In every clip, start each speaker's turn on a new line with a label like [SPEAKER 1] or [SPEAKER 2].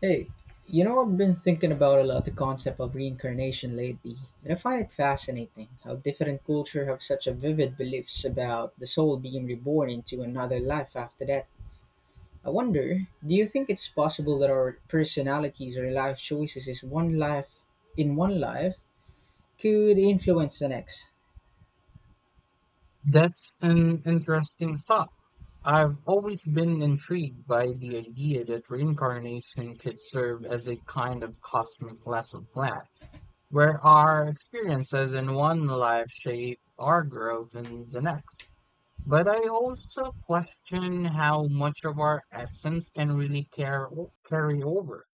[SPEAKER 1] Hey, I've been thinking about a lot the concept of reincarnation lately, and I find it fascinating how different cultures have such a vivid beliefs about the soul being reborn into another life after that. I wonder, do you think it's possible that our personalities or life choices is one life in one life could influence the next?
[SPEAKER 2] That's an interesting thought. I've always been intrigued by the idea that reincarnation could serve as a kind of cosmic lesson plan, where our experiences in one life shape our growth in the next. But I also question how much of our essence can really carry over.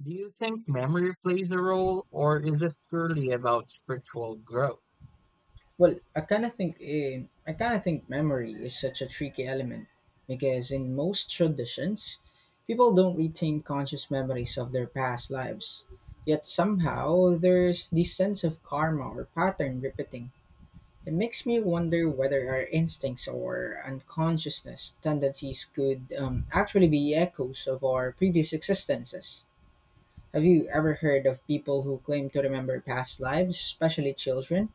[SPEAKER 2] Do you think memory plays a role, or is it purely about spiritual growth?
[SPEAKER 1] Well, I kind of think memory is such a tricky element because in most traditions, people don't retain conscious memories of their past lives. Yet somehow there's this sense of karma or pattern repeating. It makes me wonder whether our instincts or unconsciousness tendencies could actually be echoes of our previous existences. Have you ever heard of people who claim to remember past lives, especially children?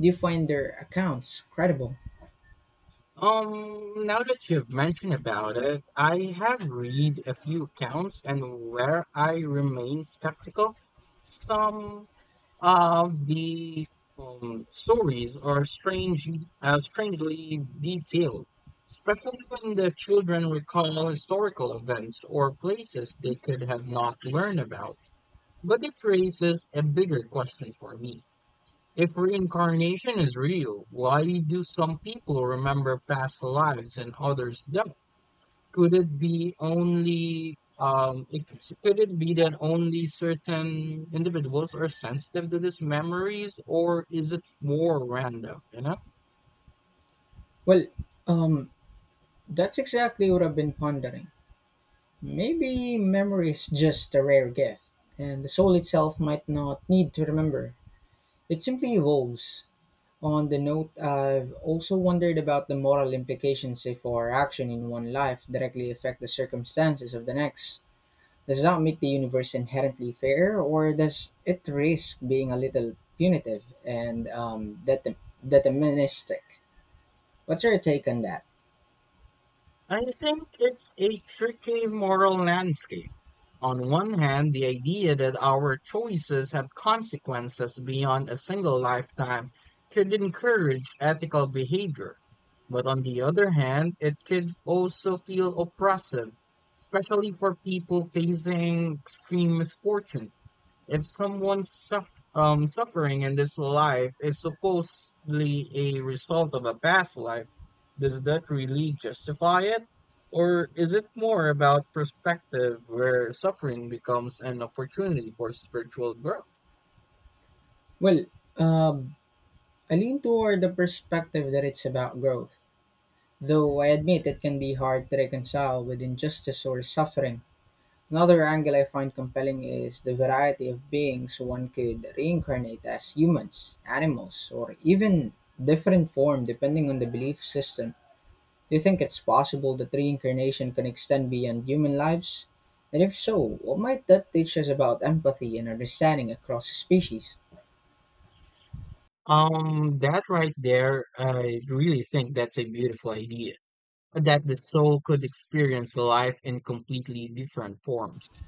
[SPEAKER 1] Do you find their accounts credible?
[SPEAKER 2] Now that you've mentioned about it, I have read a few accounts and where I remain skeptical, some of the stories are strange, strangely detailed, especially when the children recall historical events or places they could have not learned about. But it raises a bigger question for me. If reincarnation is real, why do some people remember past lives and others don't? Could it be only um it, could it be that only certain individuals are sensitive to these memories, or is it more random, you know?
[SPEAKER 1] Well, um, that's exactly what I've been pondering. Maybe memory is just a rare gift, and the soul itself might not need to remember. It simply evolves. On the note, I've also wondered about the moral implications if our action in one life directly affect the circumstances of the next. Does that make the universe inherently fair, or does it risk being a little punitive and deterministic? What's your take on that?
[SPEAKER 2] I think it's a tricky moral landscape. On one hand, the idea that our choices have consequences beyond a single lifetime could encourage ethical behavior. But on the other hand, it could also feel oppressive, especially for people facing extreme misfortune. If someone's suffering in this life is supposedly a result of a past life, does that really justify it? Or is it more about perspective where suffering becomes an opportunity for spiritual growth?
[SPEAKER 1] Well, um, I lean toward the perspective that it's about growth, though I admit it can be hard to reconcile with injustice or suffering. Another angle I find compelling is the variety of beings one could reincarnate as humans, animals, or even different form depending on the belief system. Do you think it's possible that reincarnation can extend beyond human lives? And if so, what might that teach us about empathy and understanding across species?
[SPEAKER 2] That right there, I really think that's a beautiful idea, that the soul could experience life in completely different forms.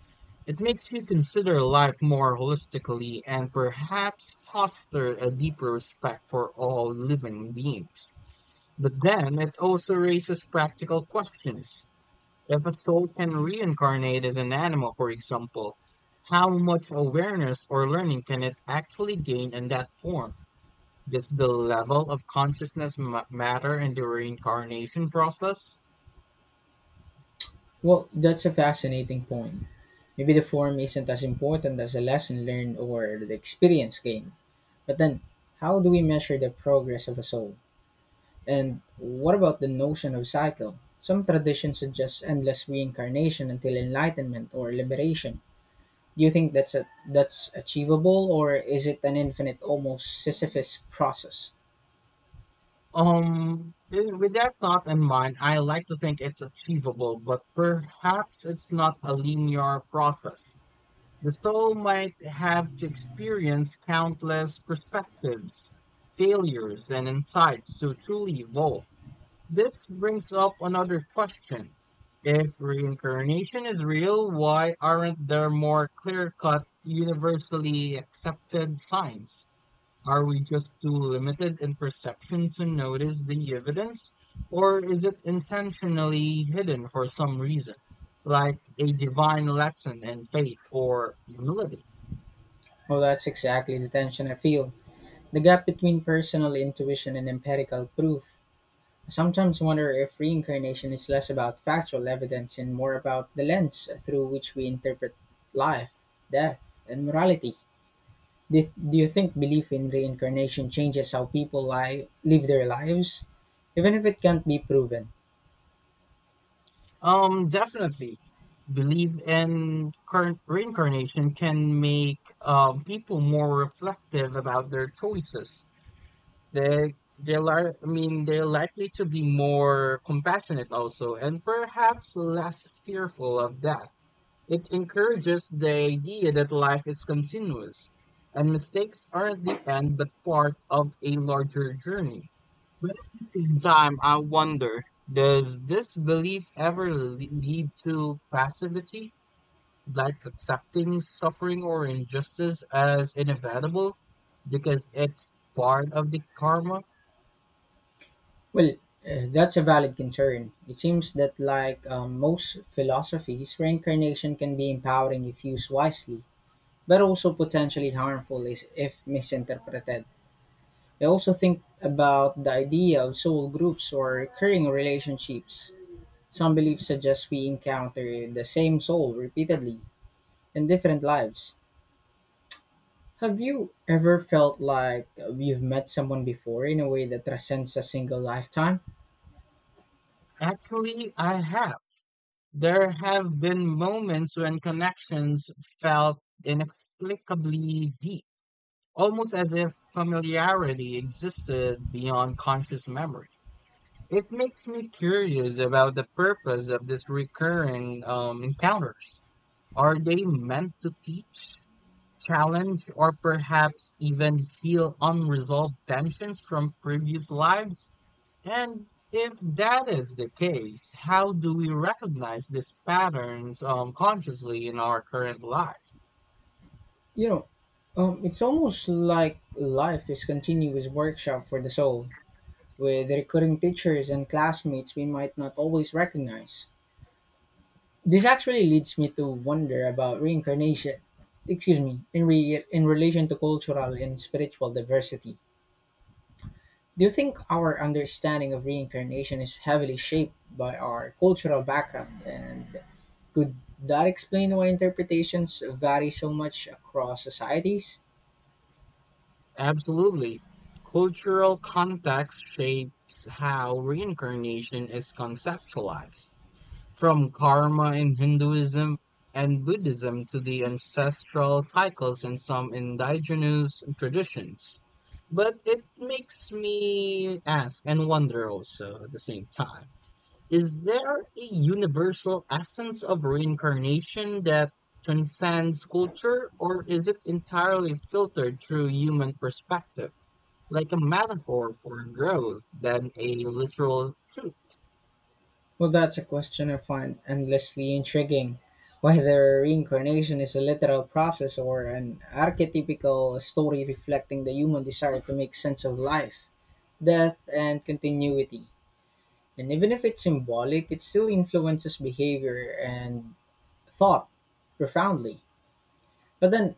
[SPEAKER 2] It makes you consider life more holistically and perhaps foster a deeper respect for all living beings. But then it also raises practical questions. If a soul can reincarnate as an animal, for example, how much awareness or learning can it actually gain in that form? Does the level of consciousness matter in the reincarnation process?
[SPEAKER 1] Well, that's a fascinating point. Maybe the form isn't as important as the lesson learned or the experience gained. But then, how do we measure the progress of a soul? And what about the notion of cycle? Some traditions suggest endless reincarnation until enlightenment or liberation. Do you think that's achievable, or is it an infinite, almost Sisyphus process?
[SPEAKER 2] With that thought in mind, I like to think it's achievable, but perhaps it's not a linear process. The soul might have to experience countless perspectives, failures, and insights to truly evolve. This brings up another question. If reincarnation is real, why aren't there more clear cut, universally accepted signs? Are we just too limited in perception to notice the evidence, or is it intentionally hidden for some reason, like a divine lesson in faith or humility?
[SPEAKER 1] Well, that's exactly the tension I feel. The gap between personal intuition and empirical proof, I sometimes wonder if reincarnation is less about factual evidence and more about the lens through which we interpret life, death, and morality. Do, do you think belief in reincarnation changes how people live their lives, even if it can't be proven?
[SPEAKER 2] Definitely. Belief in current reincarnation can make people more reflective about their choices. They I mean, they're likely to be more compassionate also, and perhaps less fearful of death. It encourages the idea that life is continuous and mistakes aren't the end but part of a larger journey. But at the same time, I wonder, does this belief ever lead to passivity, like accepting suffering or injustice as inevitable because it's part of the karma?
[SPEAKER 1] Well, that's a valid concern. It seems that, like most philosophies, reincarnation can be empowering if used wisely, but also potentially harmful if misinterpreted. I also think about the idea of soul groups or recurring relationships. Some beliefs suggest we encounter the same soul repeatedly in different lives. Have you ever felt like you've met someone before in a way that transcends a single lifetime?
[SPEAKER 2] Actually, I have. There have been moments when connections felt inexplicably deep, almost as if familiarity existed beyond conscious memory. It makes me curious about the purpose of these recurring encounters. Are they meant to teach, challenge, or perhaps even heal unresolved tensions from previous lives? And if that is the case, how do we recognize these patterns consciously in our current lives?
[SPEAKER 1] You know, it's almost like life is continuous workshop for the soul, with recurring teachers and classmates we might not always recognize. This actually leads me to wonder about reincarnation. Excuse me, in relation to cultural and spiritual diversity. Do you think our understanding of reincarnation is heavily shaped by our cultural background and could that explain why interpretations vary so much across societies?
[SPEAKER 2] Absolutely. Cultural context shapes how reincarnation is conceptualized, from karma in Hinduism and Buddhism to the ancestral cycles in some indigenous traditions. But it makes me ask and wonder also at the same time. Is there a universal essence of reincarnation that transcends culture, or is it entirely filtered through human perspective, like a metaphor for growth than a literal truth?
[SPEAKER 1] Well, that's a question I find endlessly intriguing. Whether reincarnation is a literal process or an archetypical story reflecting the human desire to make sense of life, death and continuity. And even if it's symbolic, it still influences behavior and thought profoundly. But then,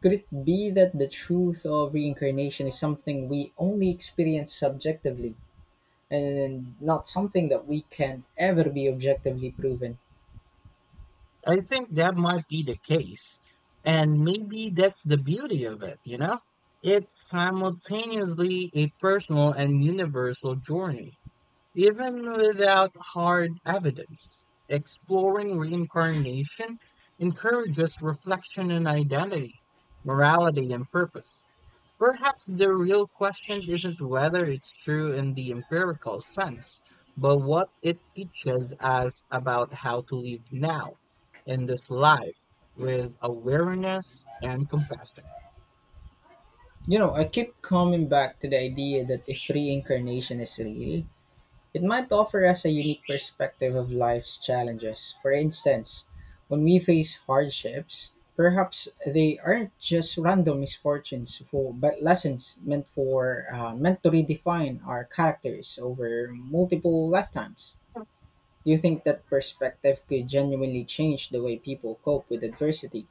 [SPEAKER 1] could it be that the truth of reincarnation is something we only experience subjectively and not something that we can ever be objectively proven?
[SPEAKER 2] I think that might be the case. And maybe that's the beauty of it, you know? It's simultaneously a personal and universal journey. Even without hard evidence, exploring reincarnation encourages reflection on identity, morality, and purpose. Perhaps the real question isn't whether it's true in the empirical sense, but what it teaches us about how to live now, in this life, with awareness and compassion.
[SPEAKER 1] You know, I keep coming back to the idea that if reincarnation is real, it might offer us a unique perspective of life's challenges. For instance, when we face hardships, perhaps they aren't just random misfortunes, but lessons meant to redefine our characters over multiple lifetimes. Do you think that perspective could genuinely change the way people cope with adversity?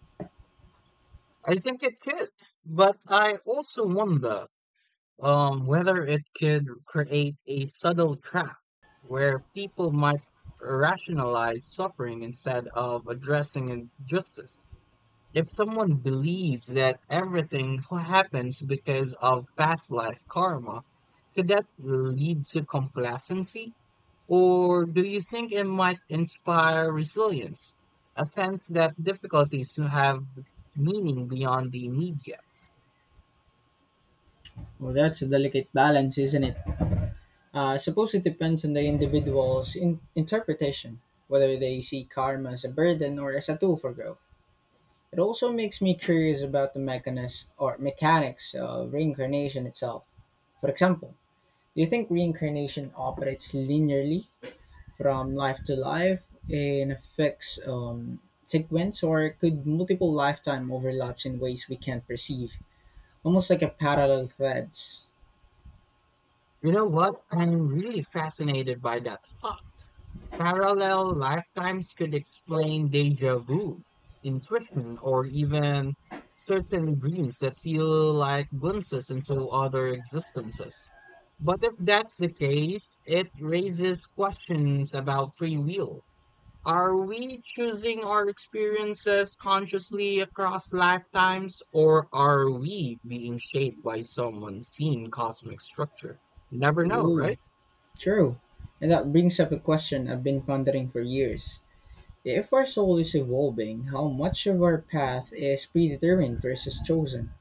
[SPEAKER 2] I think it could, but I also wonder whether it could create a subtle trap where people might rationalize suffering instead of addressing injustice. If someone believes that everything happens because of past life karma, could that lead to complacency? Or do you think it might inspire resilience, a sense that difficulties have meaning beyond the immediate?
[SPEAKER 1] Well, that's a delicate balance, isn't it? I suppose it depends on the individual's interpretation, whether they see karma as a burden or as a tool for growth. It also makes me curious about the mechanis or mechanics of reincarnation itself. For example, do you think reincarnation operates linearly from life to life in a fixed sequence, or could multiple lifetime overlaps in ways we can't perceive, almost like a parallel threads?
[SPEAKER 2] You know what? I'm really fascinated by that thought. Parallel lifetimes could explain deja vu, intuition, or even certain dreams that feel like glimpses into other existences. But if that's the case, it raises questions about free will. Are we choosing our experiences consciously across lifetimes, or are we being shaped by some unseen cosmic structure? You never know,
[SPEAKER 1] Ooh,
[SPEAKER 2] right?
[SPEAKER 1] true. And that brings up a question I've been pondering for years. If our soul is evolving, how much of our path is predetermined versus chosen?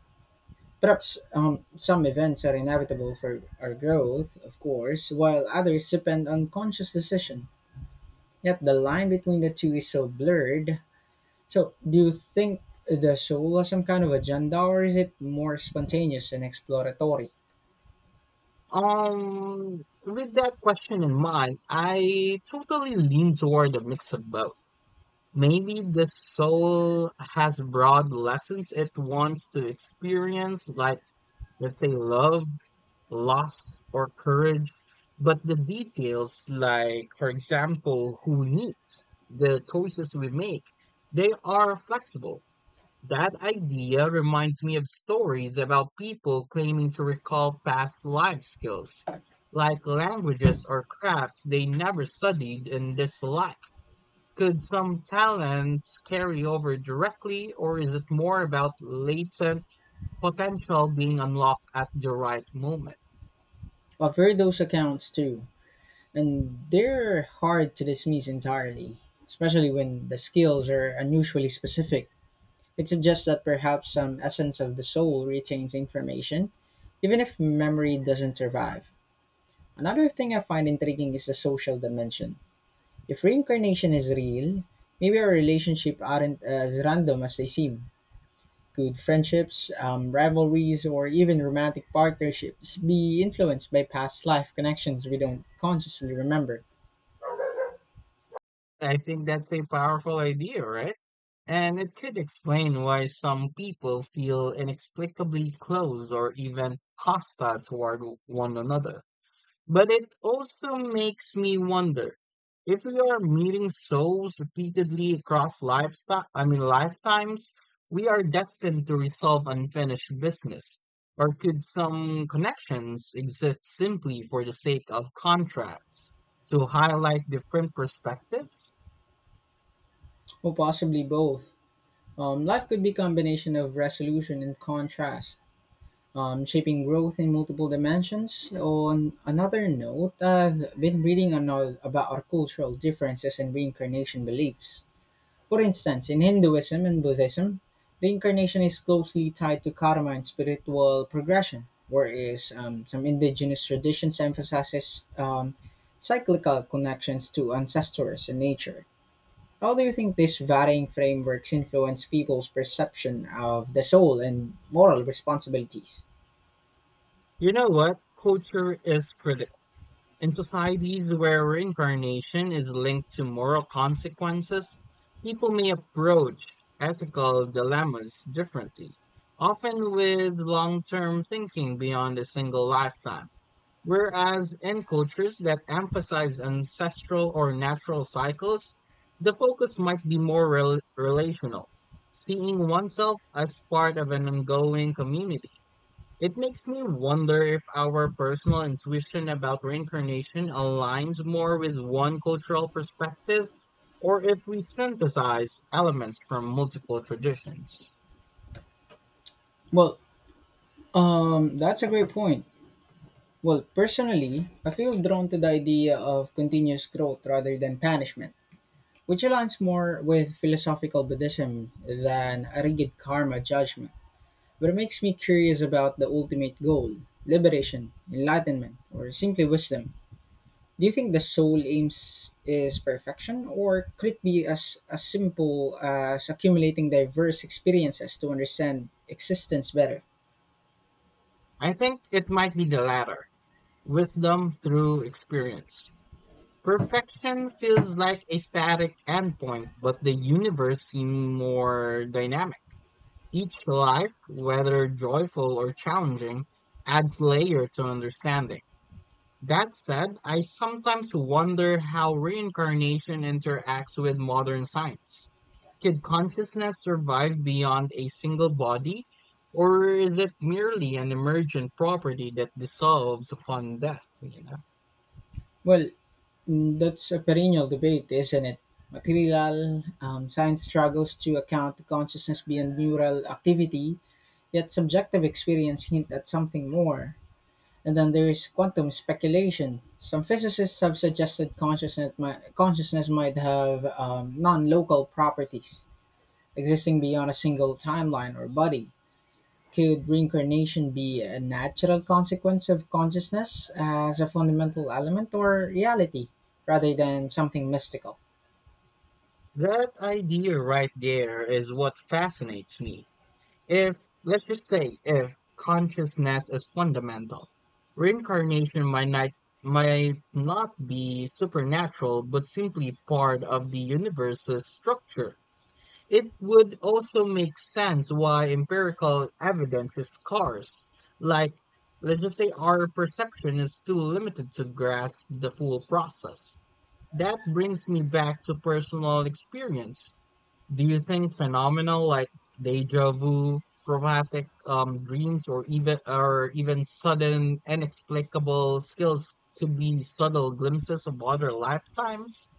[SPEAKER 1] Perhaps some events are inevitable for our growth, of course, while others depend on conscious decision. Yet the line between the two is so blurred. So, do you think the soul has some kind of agenda, or is it more spontaneous and exploratory?
[SPEAKER 2] With that question in mind, I totally lean toward a mix of both. Maybe the soul has broad lessons it wants to experience, like, let's say, love, loss, or courage. But the details, like, for example, who needs, the choices we make, they are flexible. That idea reminds me of stories about people claiming to recall past life skills, like languages or crafts they never studied in this life. Could some talents carry over directly, or is it more about latent potential being unlocked at the right moment?
[SPEAKER 1] I've heard those accounts too, and they're hard to dismiss entirely, especially when the skills are unusually specific. It suggests that perhaps some essence of the soul retains information, even if memory doesn't survive. Another thing I find intriguing is the social dimension. If reincarnation is real, maybe our relationships aren't as random as they seem. Could friendships, rivalries, or even romantic partnerships be influenced by past life connections we don't consciously remember?
[SPEAKER 2] I think that's a powerful idea, right? And it could explain why some people feel inexplicably close or even hostile toward one another. But it also makes me wonder, if we are meeting souls repeatedly across lifestyle I mean lifetimes, we are destined to resolve unfinished business. Or could some connections exist simply for the sake of contracts to highlight different perspectives?
[SPEAKER 1] Or possibly both. Life could be a combination of resolution and contrast, shaping growth in multiple dimensions. On another note, I've been reading on all about our cultural differences and reincarnation beliefs. For instance, in Hinduism and Buddhism, reincarnation is closely tied to karma and spiritual progression, whereas some indigenous traditions emphasizes cyclical connections to ancestors and nature. How do you think these varying frameworks influence people's perception of the soul and moral responsibilities?
[SPEAKER 2] You know what? Culture is critical. In societies where reincarnation is linked to moral consequences, people may approach ethical dilemmas differently, often with long term thinking beyond a single lifetime. Whereas in cultures that emphasize ancestral or natural cycles, the focus might be more relational, seeing oneself as part of an ongoing community. It makes me wonder if our personal intuition about reincarnation aligns more with one cultural perspective, or if we synthesize elements from multiple traditions.
[SPEAKER 1] Well, that's a great point. Well, personally, I feel drawn to the idea of continuous growth rather than punishment, which aligns more with philosophical Buddhism than a rigid karma judgment. But it makes me curious about the ultimate goal, liberation, enlightenment, or simply wisdom. Do you think the soul aims is perfection, or could it be as simple as accumulating diverse experiences to understand existence better?
[SPEAKER 2] I think it might be the latter, wisdom through experience. Perfection feels like a static endpoint, but the universe seems more dynamic. Each life, whether joyful or challenging, adds layer to understanding. That said, I sometimes wonder how reincarnation interacts with modern science. Could consciousness survive beyond a single body, or is it merely an emergent property that dissolves upon death, you know?
[SPEAKER 1] Well, that's a perennial debate, isn't it? Material science struggles to account to consciousness beyond neural activity, yet subjective experience hint at something more. And then there is quantum speculation. Some physicists have suggested consciousness might have non local properties, existing beyond a single timeline or body. Could reincarnation be a natural consequence of consciousness as a fundamental element or reality, rather than something mystical?
[SPEAKER 2] That idea right there is what fascinates me. If, let's just say, if consciousness is fundamental, reincarnation might not be supernatural, but simply part of the universe's structure. It would also make sense why empirical evidence is scarce. Like, let's just say our perception is too limited to grasp the full process. That brings me back to personal experience. Do you think phenomena like deja vu, traumatic dreams, or even sudden inexplicable skills could be subtle glimpses of other lifetimes?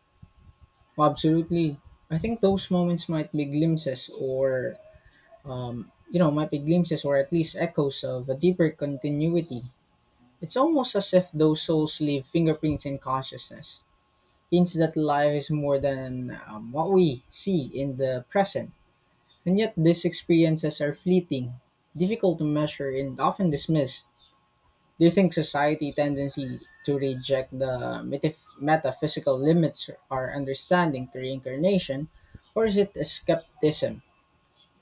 [SPEAKER 1] Well, absolutely. I think those moments might be glimpses or at least echoes of a deeper continuity. It's almost as if those souls leave fingerprints in consciousness, hints that life is more than what we see in the present. And yet, these experiences are fleeting, difficult to measure, and often dismissed. Do you think society tendency to reject the metaphysical limits or understanding to reincarnation, or is it a skepticism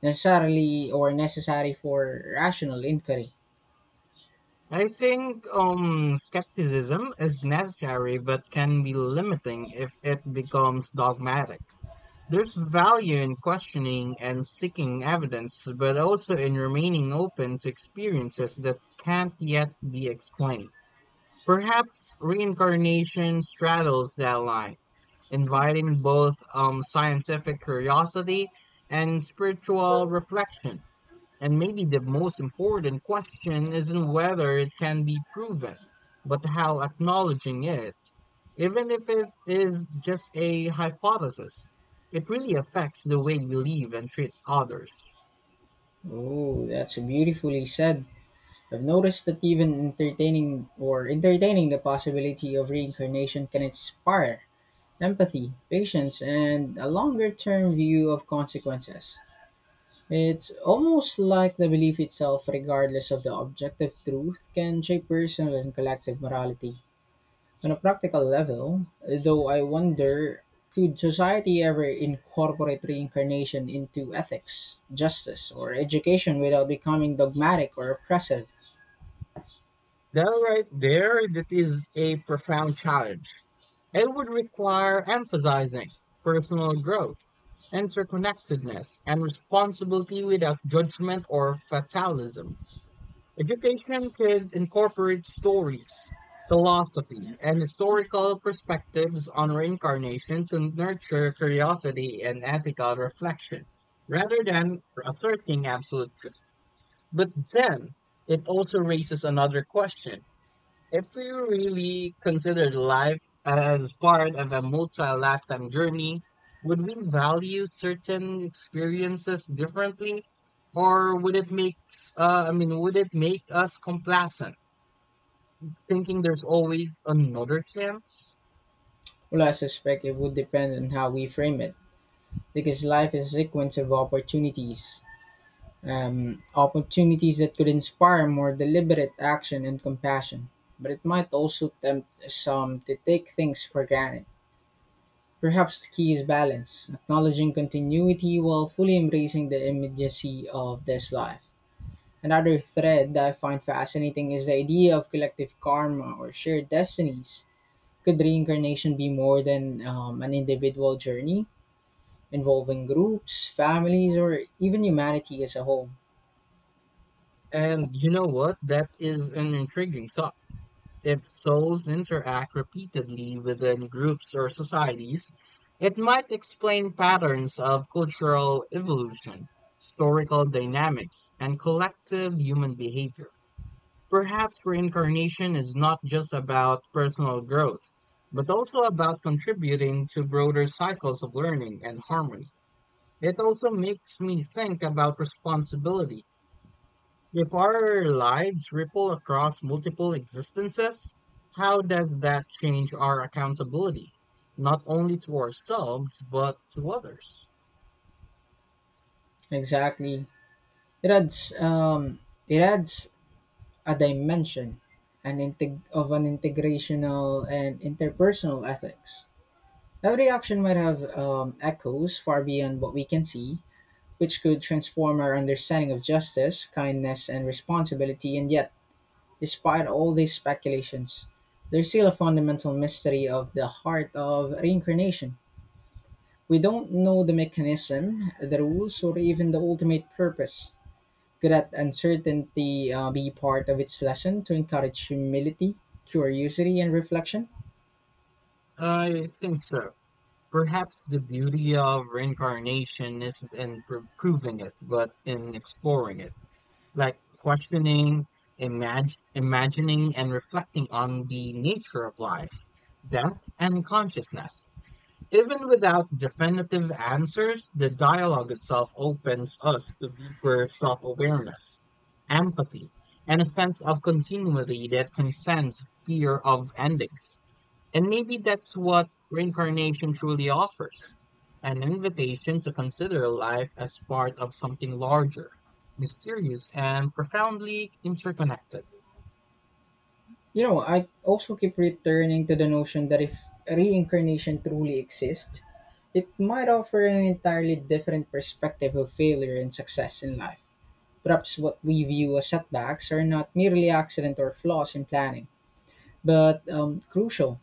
[SPEAKER 1] necessarily or necessary for rational inquiry?
[SPEAKER 2] I think skepticism is necessary, but can be limiting if it becomes dogmatic. There's value in questioning and seeking evidence, but also in remaining open to experiences that can't yet be explained. Perhaps reincarnation straddles that line, inviting both scientific curiosity and spiritual reflection. And maybe the most important question isn't whether it can be proven, but how acknowledging it, even if it is just a hypothesis, it really affects the way we live and treat others.
[SPEAKER 1] Oh, that's beautifully said. I've noticed that even entertaining or entertaining the possibility of reincarnation can inspire empathy, patience, and a longer term view of consequences. It's almost like the belief itself, regardless of the objective truth, can shape personal and collective morality. On a practical level, though, I wonder, could society ever incorporate reincarnation into ethics, justice, or education without becoming dogmatic or oppressive?
[SPEAKER 2] That right there, that is a profound challenge. It would require emphasizing personal growth, interconnectedness, and responsibility without judgment or fatalism. Education could incorporate stories, philosophy, and historical perspectives on reincarnation to nurture curiosity and ethical reflection, rather than asserting absolute truth. But then, it also raises another question. If we really considered life as part of a multi-lifetime journey, would we value certain experiences differently, or would it make I mean, would it make us complacent, thinking there's always another chance?
[SPEAKER 1] Well, I suspect it would depend on how we frame it, because life is a sequence of opportunities. Opportunities that could inspire more deliberate action and compassion. But it might also tempt some to take things for granted. Perhaps the key is balance, acknowledging continuity while fully embracing the immediacy of this life. Another thread that I find fascinating is the idea of collective karma or shared destinies. Could reincarnation be more than an individual journey, involving groups, families, or even humanity as a whole?
[SPEAKER 2] And you know what? That is an intriguing thought. If souls interact repeatedly within groups or societies, it might explain patterns of cultural evolution, historical dynamics, and collective human behavior. Perhaps reincarnation is not just about personal growth, but also about contributing to broader cycles of learning and harmony. It also makes me think about responsibility, if our lives ripple across multiple existences, how does that change our accountability, not only to ourselves, but to others?
[SPEAKER 1] Exactly. It adds, um, it adds a dimension, an integrational and interpersonal ethics. Every action might have echoes far beyond what we can see, which could transform our understanding of justice, kindness, and responsibility. And yet, despite all these speculations, there's still a fundamental mystery of the heart of reincarnation. We don't know the mechanism, the rules, or even the ultimate purpose. Could that uncertainty be part of its lesson to encourage humility, curiosity, and reflection?
[SPEAKER 2] I think so. Perhaps the beauty of reincarnation isn't in proving it, but in exploring it, like questioning, imagining, and reflecting on the nature of life, death, and consciousness. Even without definitive answers, the dialogue itself opens us to deeper self awareness, empathy, and a sense of continuity that transcends fear of endings. And maybe that's what reincarnation truly offers, an invitation to consider life as part of something larger, mysterious, and profoundly interconnected.
[SPEAKER 1] You know, I also keep returning to the notion that if reincarnation truly exists, it might offer an entirely different perspective of failure and success in life. Perhaps what we view as setbacks are not merely accident or flaws in planning, but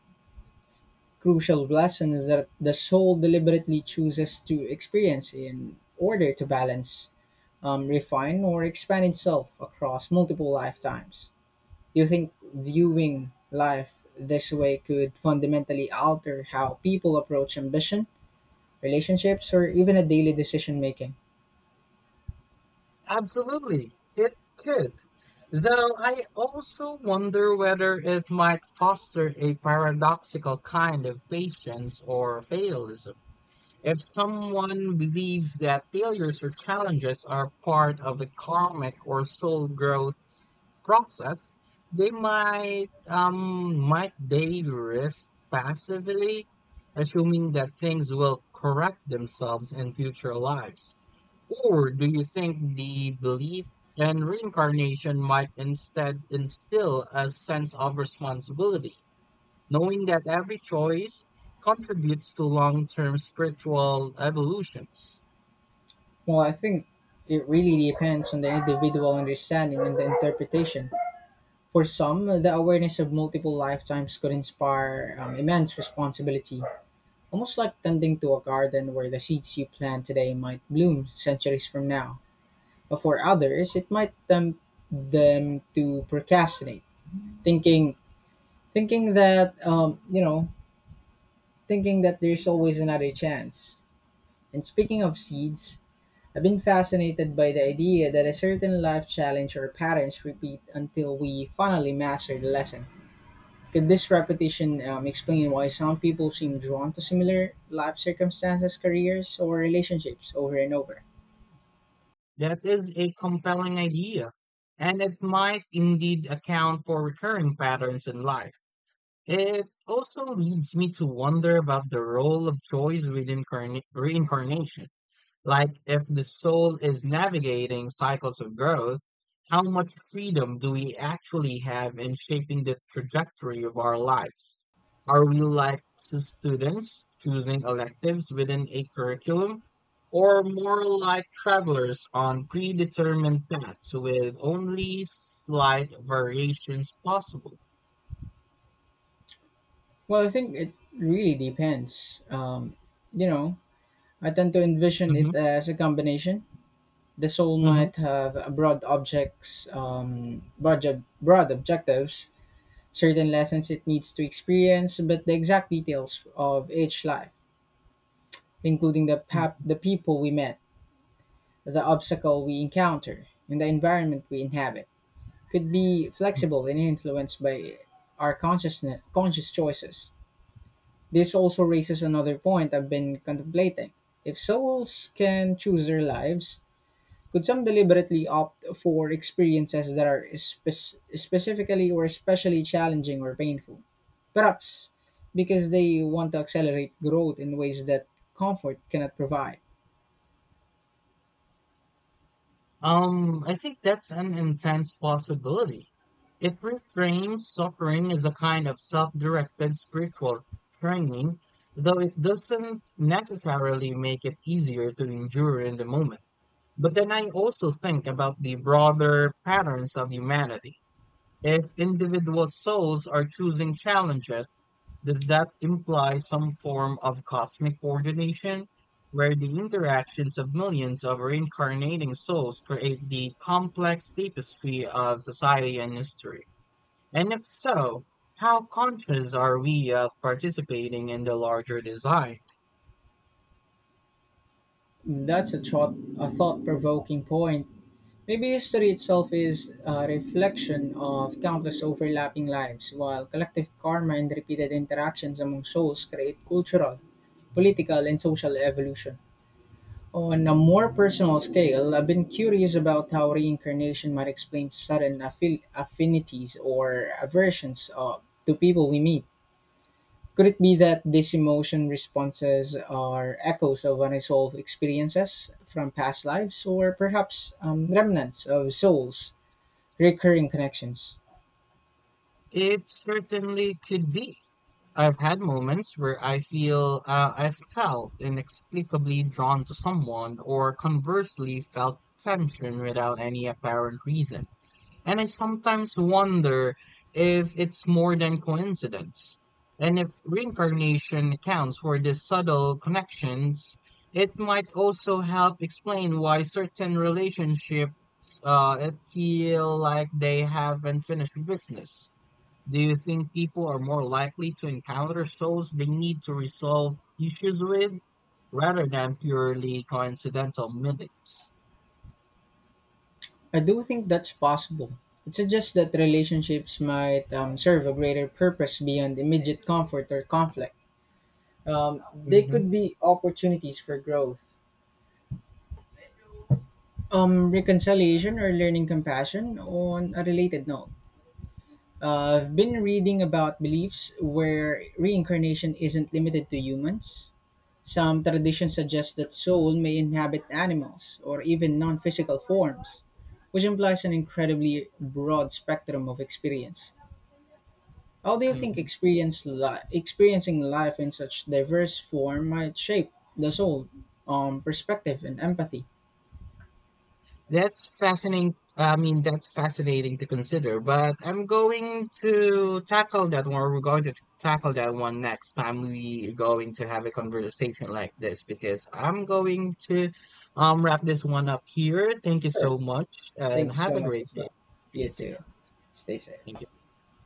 [SPEAKER 1] crucial lessons that the soul deliberately chooses to experience in order to balance, refine, or expand itself across multiple lifetimes. Do you think viewing life this way could fundamentally alter how people approach ambition, relationships, or even a daily decision making?
[SPEAKER 2] Absolutely, it could. Though I also wonder whether it might foster a paradoxical kind of patience or fatalism. If someone believes that failures or challenges are part of the karmic or soul growth process, they might they risk passively assuming that things will correct themselves in future lives. Or do you think the belief in reincarnation might instead instill a sense of responsibility, knowing that every choice contributes to long term spiritual evolutions?
[SPEAKER 1] Well, I think it really depends on the individual understanding and the interpretation. For some, the awareness of multiple lifetimes could inspire immense responsibility, almost like tending to a garden where the seeds you plant today might bloom centuries from now. But for others, it might tempt them to procrastinate, thinking thinking that um, you know thinking that there's always another chance. And speaking of seeds, I've been fascinated by the idea that a certain life challenge or patterns repeat until we finally master the lesson. Could this repetition explain why some people seem drawn to similar life circumstances, careers or relationships over and over?
[SPEAKER 2] That is a compelling idea, and it might indeed account for recurring patterns in life. It also leads me to wonder about the role of choice within reincarnation. Like, if the soul is navigating cycles of growth, how much freedom do we actually have in shaping the trajectory of our lives? Are we like students choosing electives within a curriculum, or more like travelers on predetermined paths with only slight variations possible?
[SPEAKER 1] Well, I think it really depends you know I tend to envision
[SPEAKER 2] Hmm.
[SPEAKER 1] it as a combination. The soul might have a broad objects, broad, ob- broad objectives, certain lessons it needs to experience, but the exact details of each life, including the the people we met, the obstacle we encounter, and the environment we inhabit, could be
[SPEAKER 2] Hmm.
[SPEAKER 1] flexible and influenced by our conscious choices. This also raises another point I've been contemplating. If souls can choose their lives, could some deliberately opt for experiences that are specifically or especially challenging or painful? Perhaps because they want to accelerate growth in ways that comfort cannot provide.
[SPEAKER 2] I think that's an intense possibility. It reframes suffering as a kind of self-directed spiritual training, though it doesn't necessarily make it easier to endure in the moment. But then I also think about the broader patterns of humanity. If individual souls are choosing challenges, does that imply some form of cosmic coordination where the interactions of millions of reincarnating souls create the complex tapestry of society and history? And if so, how conscious are we of participating in the larger design?
[SPEAKER 1] Hmm. A thought-provoking point. Maybe history itself is a reflection of countless overlapping lives, while collective karma and repeated interactions among souls create cultural, political, and social evolution. On a more personal scale, I've been curious about how reincarnation might explain sudden affinities or aversions to people we meet. Could it be that these emotion responses are echoes of unresolved experiences from past lives, or perhaps remnants of souls' recurring connections?
[SPEAKER 2] It certainly could be. I've had moments where I've felt inexplicably drawn to someone, or conversely felt tension without any apparent reason. And I sometimes wonder if it's more than coincidence, and if reincarnation accounts for these subtle connections. It might also help explain why certain relationships it feel like they haven't finished business. Do you think people are more likely to encounter souls they need to resolve issues with rather than purely coincidental meetings?
[SPEAKER 1] I do think that's possible. It suggests that relationships might serve a greater purpose beyond immediate comfort or conflict. They
[SPEAKER 2] Hmm.
[SPEAKER 1] could be opportunities for growth, reconciliation, or learning compassion. On a related note, I've been reading about beliefs where reincarnation isn't limited to humans. Some traditions suggest that soul may inhabit animals or even non physical forms, which implies an incredibly broad spectrum of experience. How do you think
[SPEAKER 2] Hmm.
[SPEAKER 1] experiencing life in such diverse form might shape the soul, perspective, and empathy?
[SPEAKER 2] That's fascinating. I mean, that's fascinating to consider, but I'm going to tackle that one. We're going to tackle that one next time. We going to have a conversation like this because I'm going to wrap this one up here. Thank you
[SPEAKER 1] Sure.
[SPEAKER 2] so much and
[SPEAKER 1] Thank you
[SPEAKER 2] have
[SPEAKER 1] so
[SPEAKER 2] a
[SPEAKER 1] much
[SPEAKER 2] great
[SPEAKER 1] as
[SPEAKER 2] day.
[SPEAKER 1] well.
[SPEAKER 2] Stay
[SPEAKER 1] You
[SPEAKER 2] safe.
[SPEAKER 1] too. Stay
[SPEAKER 2] Thank
[SPEAKER 1] safe.
[SPEAKER 2] you.